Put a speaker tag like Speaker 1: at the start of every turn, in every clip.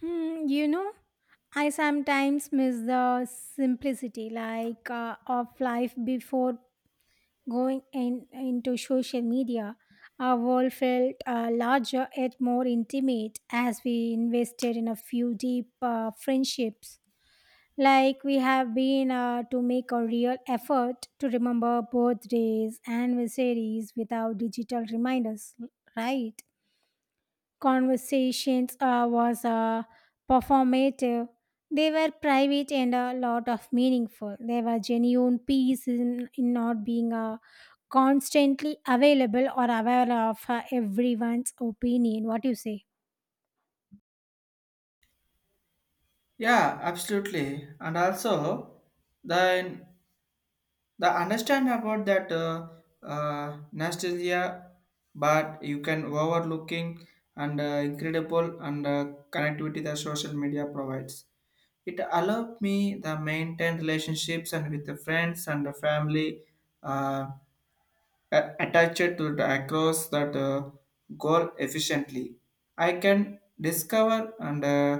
Speaker 1: Hmm, you know, I sometimes miss the simplicity of life before going into social media. Our world felt larger yet more intimate as we invested in a few deep friendships. Like we have been to make a real effort to remember birthdays, anniversaries without digital reminders, right? Conversations was performative. They were private and a lot of meaningful. There was genuine peace in not being constantly available or aware of everyone's opinion. What do you say?
Speaker 2: Yeah, absolutely. And also, then the understand about that nostalgia, but you can overlooking and incredible and connectivity that social media provides. It allowed me the maintain relationships and with the friends and the family. uh, Attached to the across that goal efficiently. I can discover and uh,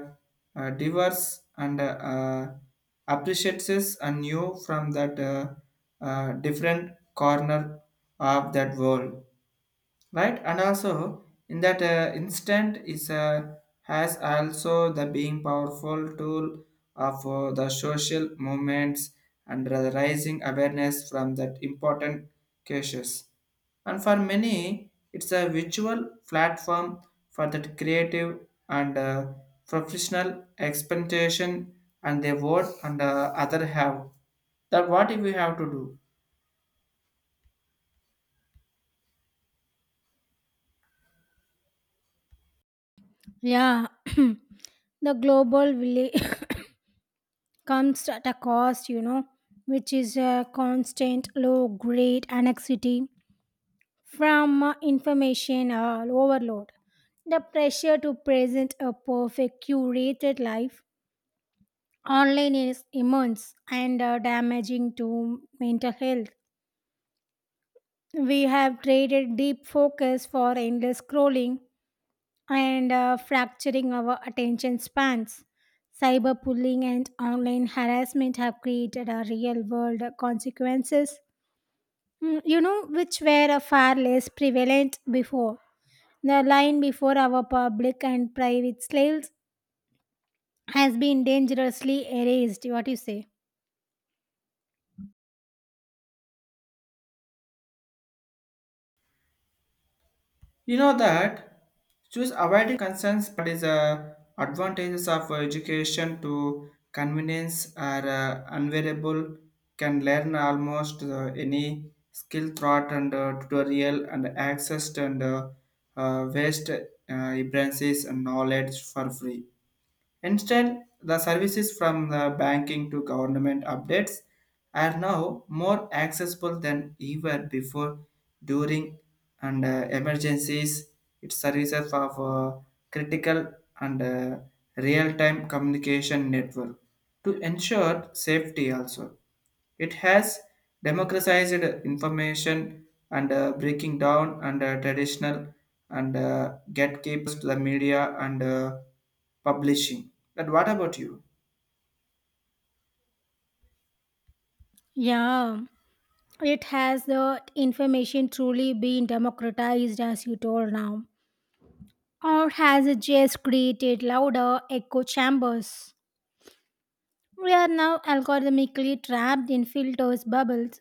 Speaker 2: uh, diverse and appreciates and new from that different corner of that world, right, and also in that instant is has also the being powerful tool of the social movements and the rising awareness from that important cases, and for many it's a virtual platform for that creative and professional expectation, and they vote and other have that what if we have to do.
Speaker 1: Yeah, the global village comes at a cost, you know, which is a constant low grade anxiety from information overload. The pressure to present a perfect curated life online is immense and damaging to mental health. We have traded deep focus for endless scrolling and fracturing our attention spans. Cyberbullying and online harassment have created a real world consequences, you know, which were far less prevalent before. The line before our public and private slaves has been dangerously erased. What do you say?
Speaker 2: You know that choose avoiding concerns but is advantages of education to convenience are unvariable. Can learn almost any skill thought and tutorial and access and waste references and knowledge for free. Instead, the services from the banking to government updates are now more accessible than ever before, during and emergencies. It services of critical and real-time communication network to ensure safety also. It has democratized information and breaking down and traditional and gatekeepers to the media and publishing. But what about you?
Speaker 1: Yeah, it has the information truly been democratized, as you told now, or has it just created louder echo chambers? We are now algorithmically trapped in filters bubbles.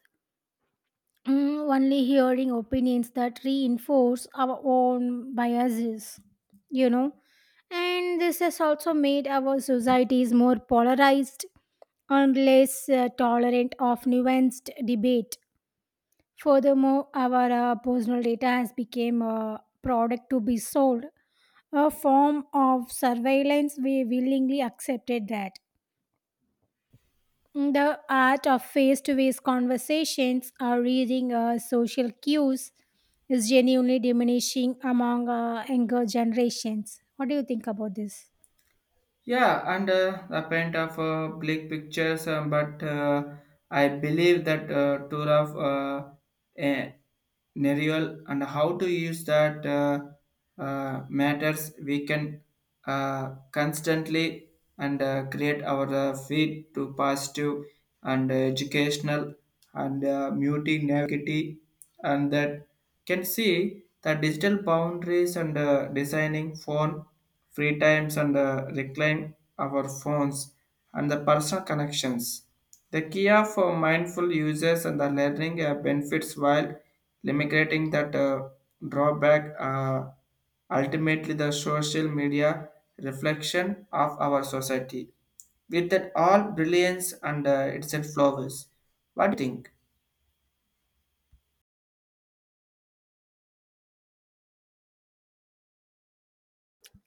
Speaker 1: Only hearing opinions that reinforce our own biases, you know. And this has also made our societies more polarized and less tolerant of nuanced debate. Furthermore, our personal data has become a product to be sold, a form of surveillance we willingly accepted that. The art of face to face conversations or reading social cues is genuinely diminishing among younger generations. What do you think about this?
Speaker 2: Yeah, and the paint of bleak pictures, but I believe that tour of a Nerial and how to use that matters. We can constantly and create our feed to positive and educational and muting negativity, and that can see the digital boundaries and designing phone free times and the recline our phones and the personal connections. The key of mindful uses and the learning benefits while limiting that drawback ultimately the social media reflection of our society with that all brilliance and its flowers. What do you think?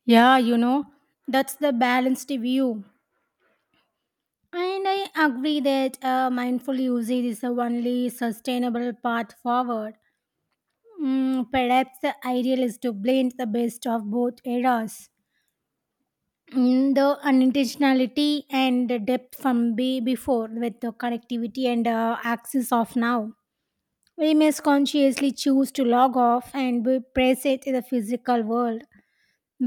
Speaker 1: Yeah, you know, that's the balanced view. And I agree that mindful usage is the only sustainable path forward. Perhaps the ideal is to blend the best of both eras. The unintentionality and the depth from be before with the connectivity and access of now, we must consciously choose to log off and be present in the physical world,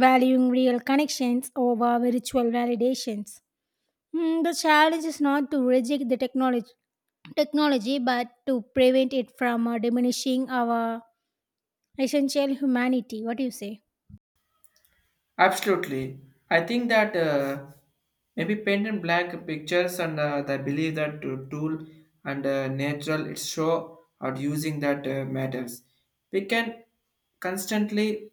Speaker 1: valuing real connections over virtual validations. The challenge is not to reject the technology but to prevent it from diminishing our essential humanity. What do you say?
Speaker 2: Absolutely. I think that maybe paint and black pictures and the belief that to tool and natural it show how using that matters. We can constantly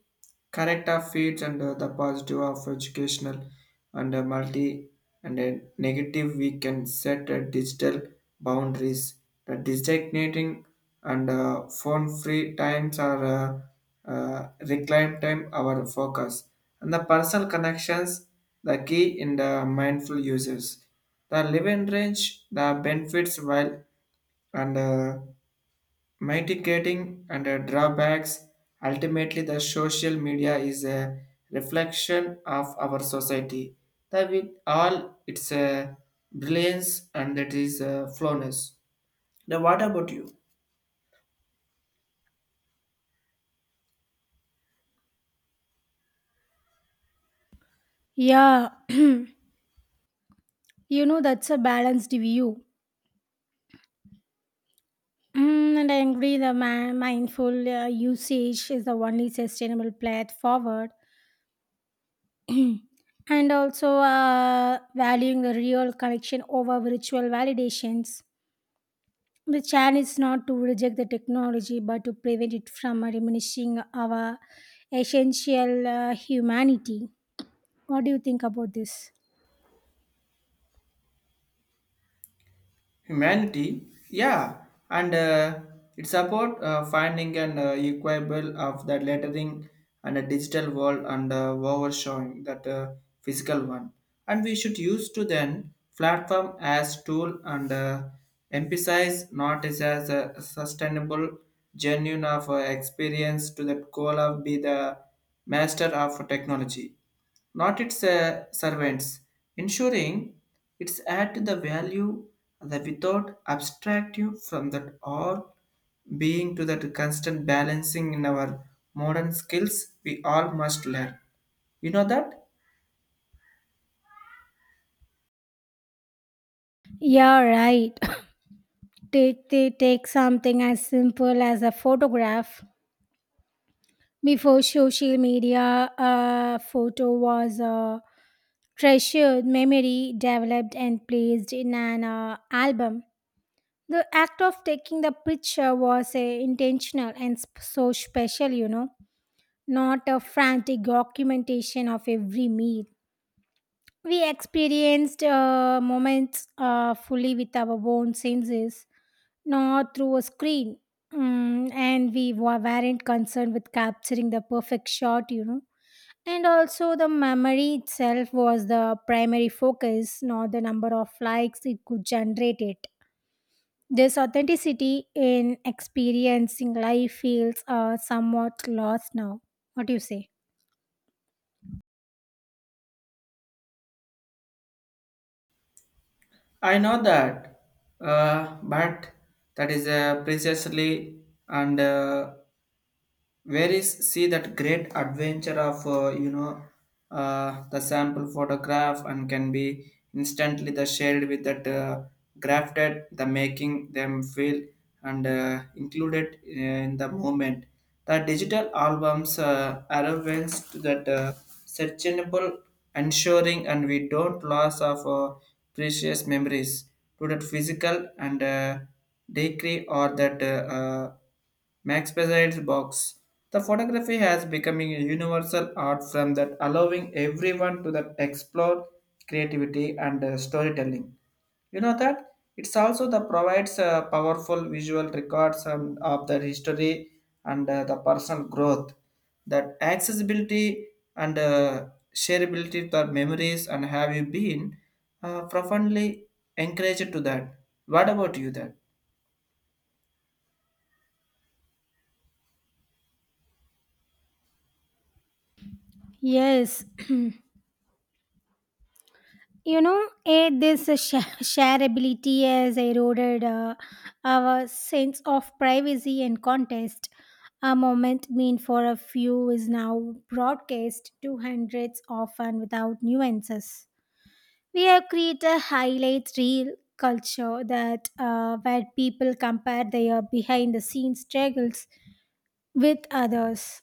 Speaker 2: correct our feeds and the positive of educational and multi and negative, we can set digital boundaries that designating and phone free times are reclaim time our focus and the personal connections, the key in the mindful uses. The living range, the benefits while and mitigating and drawbacks. Ultimately, the social media is a reflection of our society. That with all its brilliance and it is flawness. Now, what about you?
Speaker 1: Yeah, you know, that's a balanced view. And I agree the mindful usage is the only sustainable path forward. And also valuing the real connection over virtual validations. The challenge is not to reject the technology but to prevent it from diminishing our essential humanity. What do you think about this?
Speaker 2: Humanity, yeah, and it's about finding an equable of the lettering and a digital world and overshowing that physical one, and we should use to then platform as tool and emphasize not as a sustainable genuine of experience to that goal of be the master of technology, not its servants, ensuring its add to the value that without abstract you from that all being to that constant balancing in our modern skills we all must learn. You know that?
Speaker 1: Yeah, right. Take something as simple as a photograph. Before social media, a photo was a treasured memory developed and placed in an album. The act of taking the picture was intentional and so special, you know, not a frantic documentation of every meal. We experienced moments fully with our own senses, not through a screen. And weren't concerned with capturing the perfect shot, you know, and also, the memory itself was the primary focus, not the number of likes it could generate. It This authenticity in experiencing life feels somewhat lost now. What do you say?
Speaker 2: I know that, but that is precisely and where is see that great adventure of you know the sample photograph and can be instantly the shared with that grafted the making them feel and included in the moment, the digital albums arrivals to that searchable, ensuring and we don't loss of precious memories to that physical and decree or that Max besides box. The photography has becoming a universal art form that allowing everyone to that explore creativity and storytelling. You know that it's also the provides powerful visual records and of the history and the personal growth. That accessibility and shareability to our memories, and have you been profoundly encouraged to that? What about you that?
Speaker 1: Yes, you know, this shareability has eroded our sense of privacy and context. A moment mean for a few is now broadcast to hundreds, often without nuances. We have created a highlight reel culture that where people compare their behind the scenes struggles with others.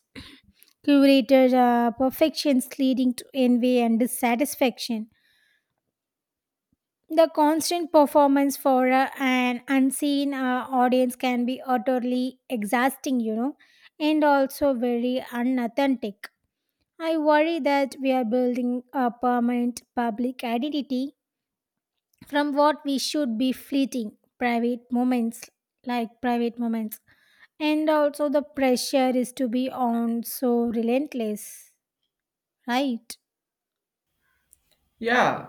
Speaker 1: Curated perfections leading to envy and dissatisfaction. The constant performance for an unseen audience can be utterly exhausting, you know, and also very unauthentic. I worry that we are building a permanent public identity from what we should be fleeting private moments private moments, and also the pressure is to be on so relentless, right?
Speaker 2: Yeah,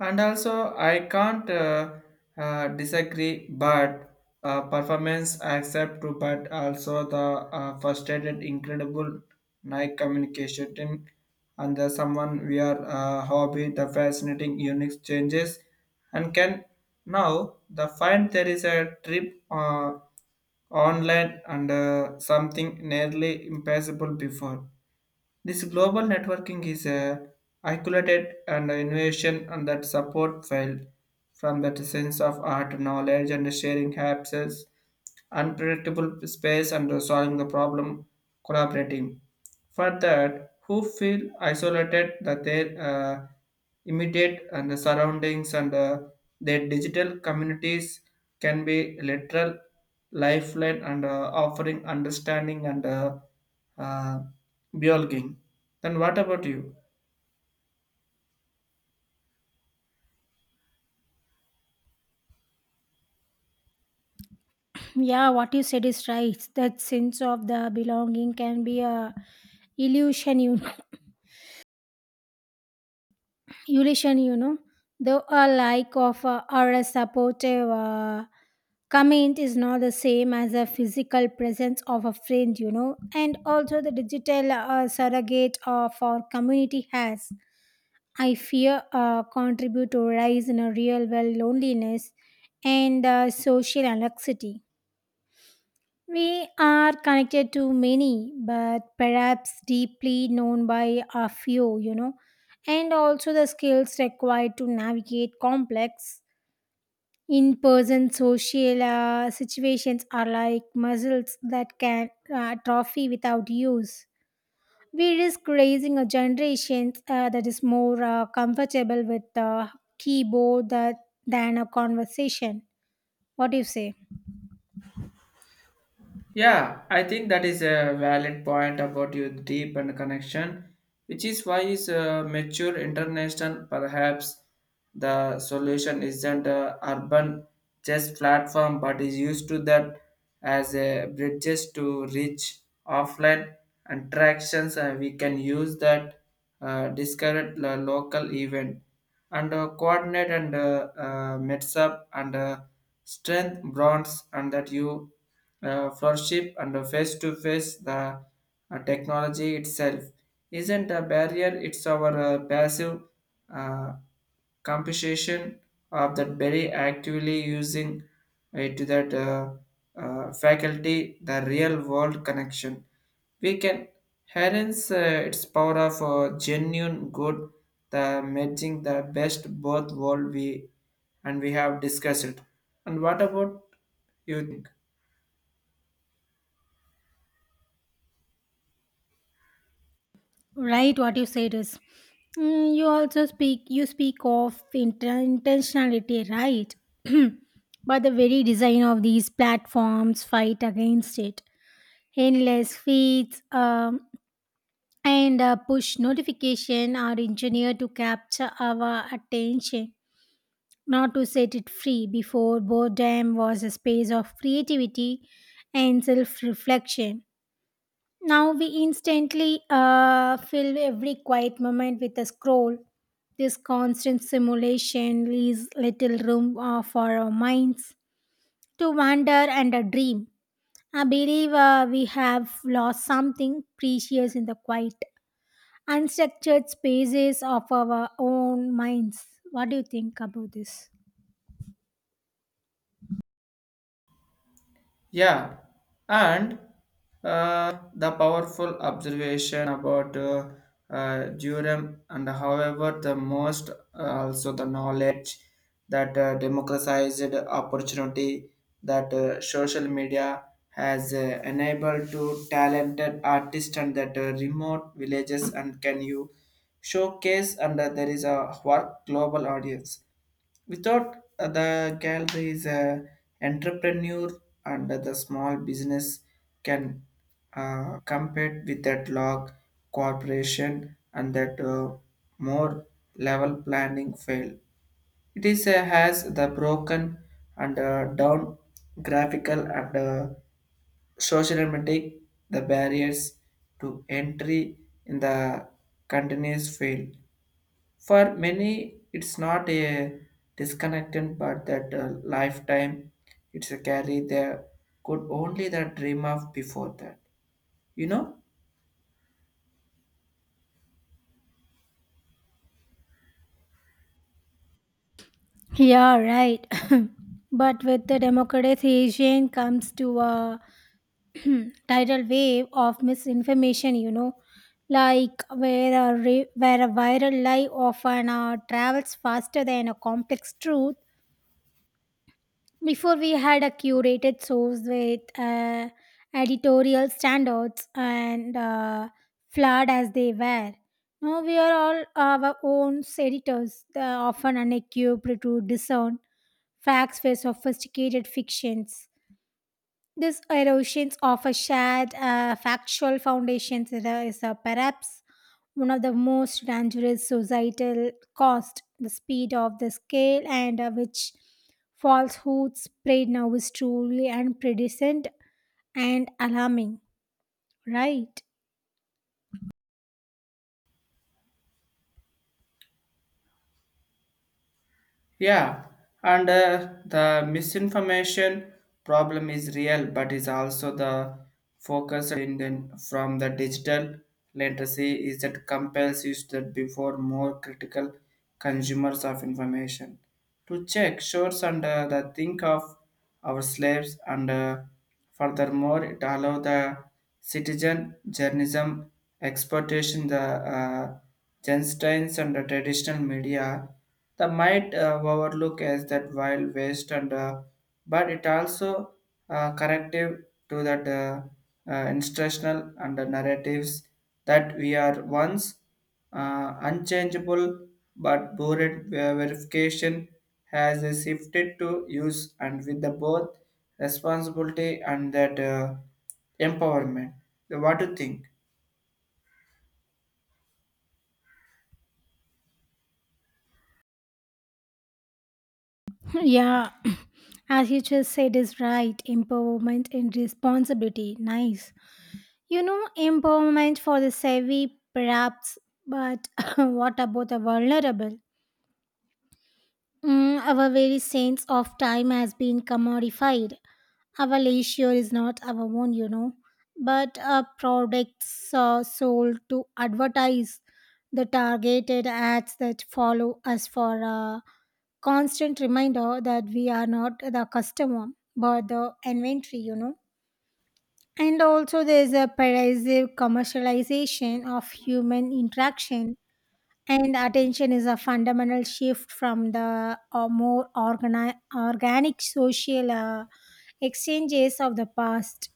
Speaker 2: and also I can't disagree, but performance I accept too, but also the frustrated, incredible night communication team and the someone we are hobby, the fascinating, unique changes, and can now the find there is a trip online and something nearly impossible before. This global networking is a isolated and innovation and that support felt from that sense of art, knowledge, and sharing access, unpredictable space, and solving the problem, collaborating. For that, who feel isolated that their immediate and the surroundings and their digital communities can be literal lifeline and offering understanding and uh, belonging. Then what about you?
Speaker 1: Yeah, what you said is right, that sense of the belonging can be a illusion, you know. Eurasian, you know, though a like of or a supportive comment is not the same as a physical presence of a friend, you know, and also the digital surrogate of our community has. I fear contribute to rise in a real world loneliness and social anxiety. We are connected to many, but perhaps deeply known by a few, you know, and also the skills required to navigate complex in person social situations are like muscles that can atrophy without use. We risk raising a generation that is more comfortable with the keyboard that, than a conversation. What do you say?
Speaker 2: Yeah, I think that is a valid point about your deep and connection, which is why is a mature international. Perhaps the solution isn't a urban just platform but is used to that as a bridges to reach offline attractions, and we can use that discovered local event and coordinate and mets up and strength bronze and that you flourishing and face to face the technology itself isn't a barrier, it's our passive uh, compensation of that very actively using it to that faculty the real world connection. We can harness its power of genuine good, the merging the best both world we, and we have discussed it, and what about you think.
Speaker 1: Right, what you said is, mm, you also speak. You speak of intentionality, right? But the very design of these platforms fight against it. Endless feeds and push notification are engineered to capture our attention, not to set it free. Before boredom was a space of creativity and self-reflection. Now we instantly fill every quiet moment with a scroll. This constant simulation leaves little room for our minds to wander and a dream. I believe we have lost something precious in the quiet, unstructured spaces of our own minds. What do you think about this?
Speaker 2: Yeah, and the powerful observation about Durham, and however the most also the knowledge that democratized opportunity that social media has enabled to talented artists and that remote villages, and can you showcase and there is a work global audience. Without the gallery is a entrepreneur and the small business can compete with that log corporation and that more level planning fail. It is has the broken and down graphical and sociomatic the barriers to entry in the continuous field. For many, it's not a disconnected, but that lifetime, it's a carry there could only the dream of before that. You know?
Speaker 1: Yeah, right. But with the democratization comes to a tidal wave of misinformation, you know, like where a viral lie often travels faster than a complex truth. Before we had a curated source with editorial standards and flawed as they were. Now we are all our own editors, often unequipped to discern facts were sophisticated fictions. This erosion of a shared factual foundation is a perhaps one of the most dangerous societal cost. The speed of the scale and which falsehood spread now is truly unprecedented and alarming. Right?
Speaker 2: Yeah. And the misinformation problem is real, but is also the focus in the, from the digital literacy is that compels you that before more critical consumers of information to check shores and the think of our slaves and furthermore it allow the citizen journalism exploitation the uh, gensteins and the traditional media that might overlook as that wild waste and but it also corrective to that instructional and the narratives that we are once unchangeable but bored verification has shifted to use and with the both responsibility and that empowerment. So what do you think?
Speaker 1: Yeah. As you just said is right. Empowerment and responsibility. Nice. You know, empowerment for the savvy, perhaps, but what about the vulnerable? Our very sense of time has been commodified. Our leisure is not our own, you know, but our products are sold to advertise the targeted ads that follow us for a constant reminder that we are not the customer but the inventory, you know. And also, there is a pervasive commercialization of human interaction, and attention is a fundamental shift from the more organi- organic social exchanges of the past.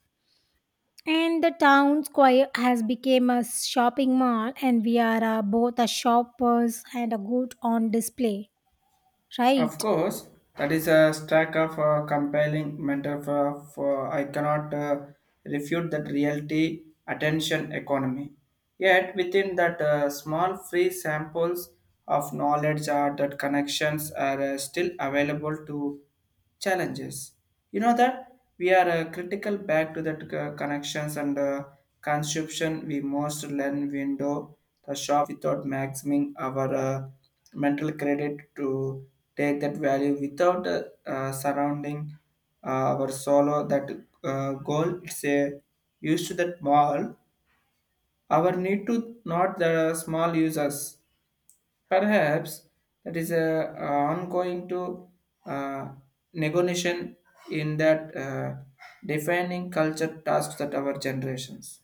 Speaker 1: And the town square has become a shopping mall, and we are both a shoppers and a good on display,
Speaker 2: Of
Speaker 1: right?
Speaker 2: course, that is a stack of compelling mental for I cannot refute that reality attention economy. Yet within that small free samples of knowledge are that connections are still available to challenges. You know that we are critical back to that connections and consumption. We must learn window the shop without maximizing our mental credit to take that value without surrounding our solo that goal. It's a used to that mall. Our need to not the small users. Perhaps that is a ongoing to uh, negotiation in that defining culture tasks that our generations,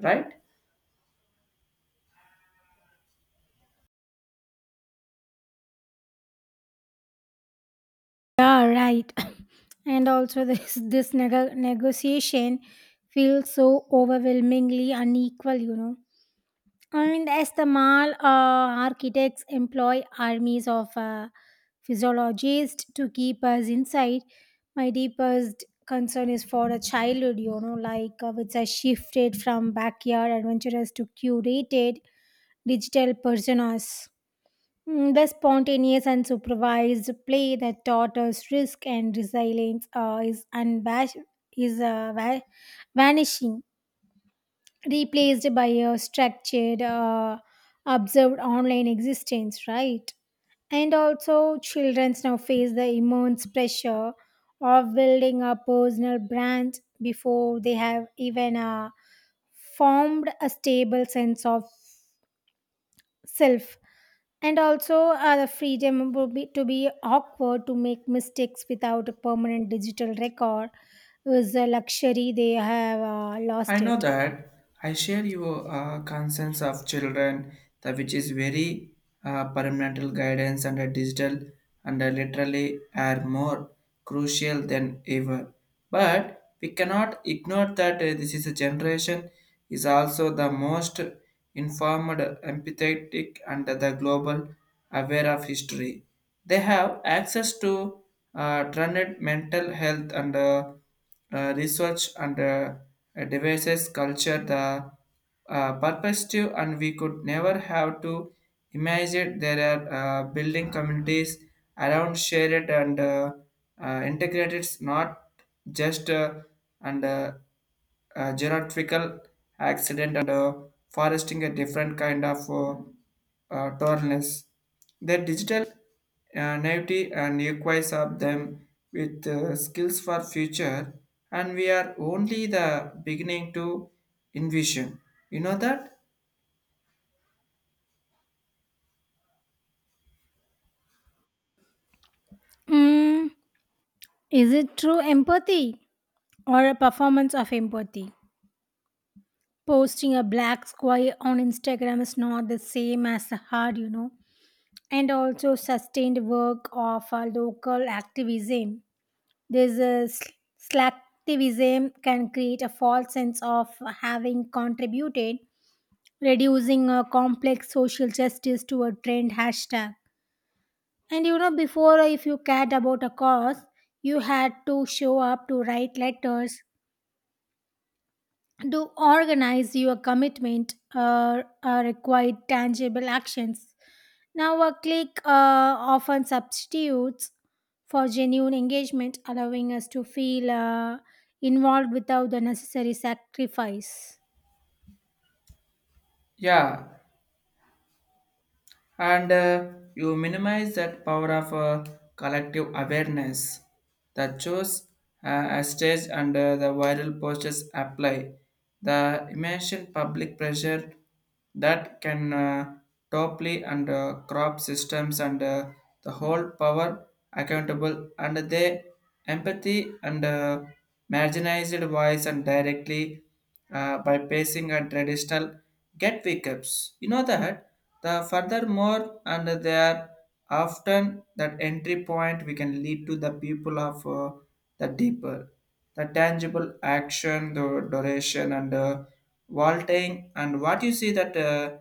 Speaker 2: right?
Speaker 1: Yeah, right. And also this negotiation feels so overwhelmingly unequal, you know, and as the mall architects employ armies of physiologists to keep us inside. My deepest concern is for a childhood, you know, like which has shifted from backyard adventurers to curated digital personas. The spontaneous and supervised play that taught us risk and resilience is vanishing, replaced by a structured, observed online existence, right? And also, children now face the immense pressure of building a personal brand before they have even formed a stable sense of self, and also the freedom would be to be awkward to make mistakes without a permanent digital record is a luxury they have
Speaker 2: I
Speaker 1: lost
Speaker 2: know
Speaker 1: it.
Speaker 2: that. I share your concerns of children, the which is very parental guidance and a digital and a literally are more crucial than ever. But we cannot ignore that this is a generation is also the most informed, empathetic, and the global aware of history. They have access to trended mental health and research and devices culture the uh, perspective, and we could never have to imagine there are building communities around shared and integrated not just and genetrical accident and foresting a different kind of tolerance. The digital naivety and equise of them with skills for future, and we are only the beginning to envision. You know that?
Speaker 1: Mm, is it true empathy or a performance of empathy? Posting a black square on Instagram is not the same as a hard, you know, and also sustained work of a local activism. This slacktivism can create a false sense of having contributed, reducing a complex social justice to a trend hashtag. And you know, before, if you cared about a cause, you had to show up to write letters, to organize your commitment, required tangible actions. Now, a click often substitutes for genuine engagement, allowing us to feel involved without the necessary sacrifice.
Speaker 2: Yeah, and you minimize that power of collective awareness. The chose a stage under the viral posters apply the immense public pressure that can topple and crop systems and the whole power accountable, and they empathy and marginalized voice and directly by pacing and traditional get pickups. You know that the furthermore and they are often that entry point we can lead to the people of the deeper, the tangible action, the duration and vaulting, and what you see that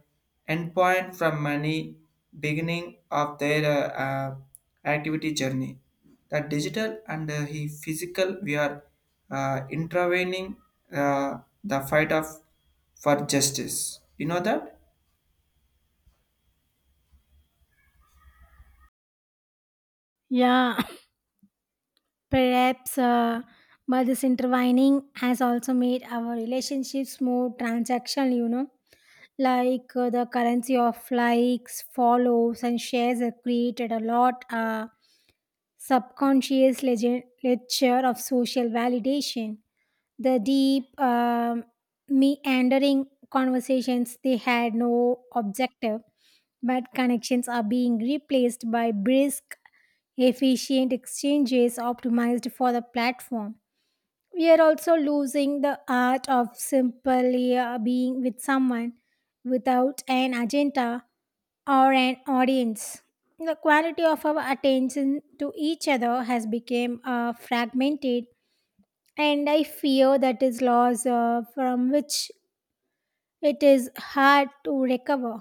Speaker 2: endpoint from many beginning of their activity journey, the digital and he physical we are intervening the fight of for justice. You know that?
Speaker 1: Yeah, perhaps, but this intertwining has also made our relationships more transactional, you know, like the currency of likes, follows, and shares have created a lot subconscious ledger of social validation. The deep meandering conversations they had no objective but connections are being replaced by brisk efficient exchanges optimized for the platform. We are also losing the art of simply being with someone without an agenda or an audience. The quality of our attention to each other has become fragmented, and I fear that is loss from which it is hard to recover.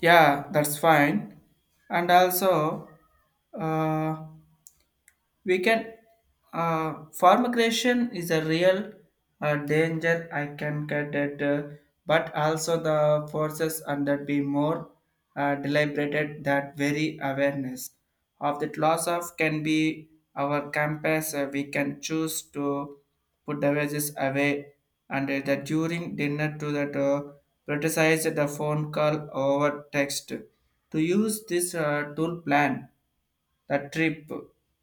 Speaker 2: Yeah, that's fine. And also, uh, we can farm creation is a real danger, I can get it, but also the forces and that be more deliberated that very awareness of that loss of can be our campus. Uh, we can choose to put the wages away and the during dinner to that prioritize the phone call over text, to use this tool plan the trip,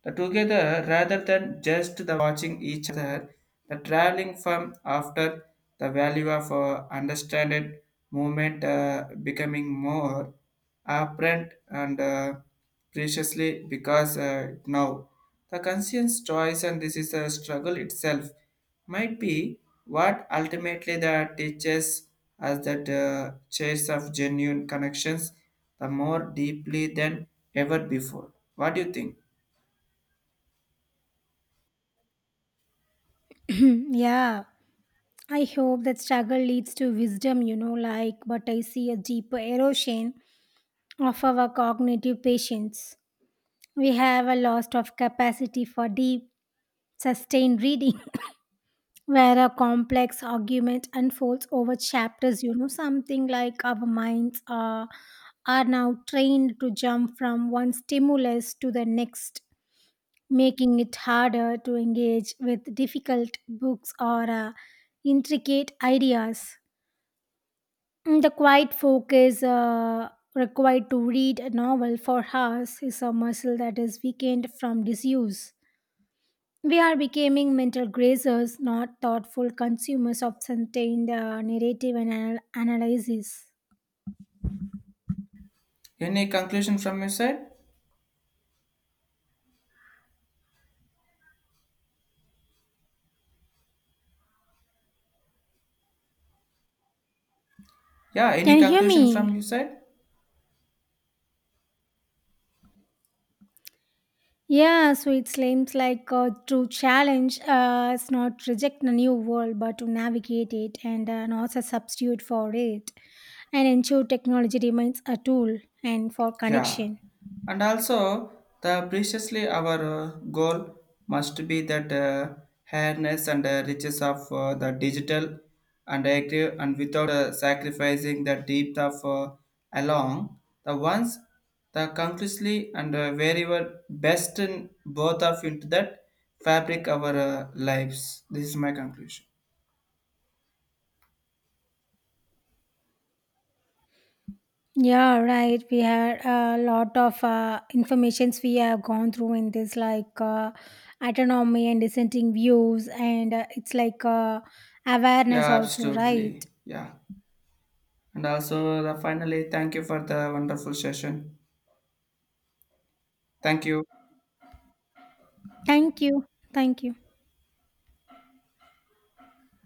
Speaker 2: the together rather than just the watching each other, the traveling from after. The value of understanding movement becoming more apparent and preciously because now the conscious choice, and this is a struggle itself might be what ultimately the teaches us that chase of genuine connections the more deeply than ever before. What do you think?
Speaker 1: Yeah, I hope that struggle leads to wisdom, you know, like, but I see a deeper erosion of our cognitive patience. We have a loss of capacity for deep, sustained reading. Where a complex argument unfolds over chapters, you know, something like are now trained to jump from one stimulus to the next, making it harder to engage with difficult books or intricate ideas. The quiet focus required to read a novel for hours is a muscle that is weakened from disuse. We are becoming mental grazers, not thoughtful consumers of sustained narrative and analysis.
Speaker 2: Any conclusion from your side? Yeah, any
Speaker 1: Can you hear
Speaker 2: conclusion
Speaker 1: me?
Speaker 2: from your side?
Speaker 1: Yeah, so it seems like a true challenge is not to reject the new world, but to navigate it and not a substitute for it, and ensure technology remains a tool and for
Speaker 2: Yeah,
Speaker 1: connection.
Speaker 2: and also the preciously our goal must be that fairness and riches of the digital and active, and without sacrificing the depth of along the ones, the consciously and very well best in both of into that fabric our lives. This is my conclusion.
Speaker 1: Yeah, right. We had a lot of informations we have gone through in this, like autonomy and dissenting views, and it's like
Speaker 2: Yeah,
Speaker 1: awareness also, right?
Speaker 2: absolutely. Yeah, and also the finally thank you for the wonderful session. Thank you.
Speaker 1: Thank you, thank you.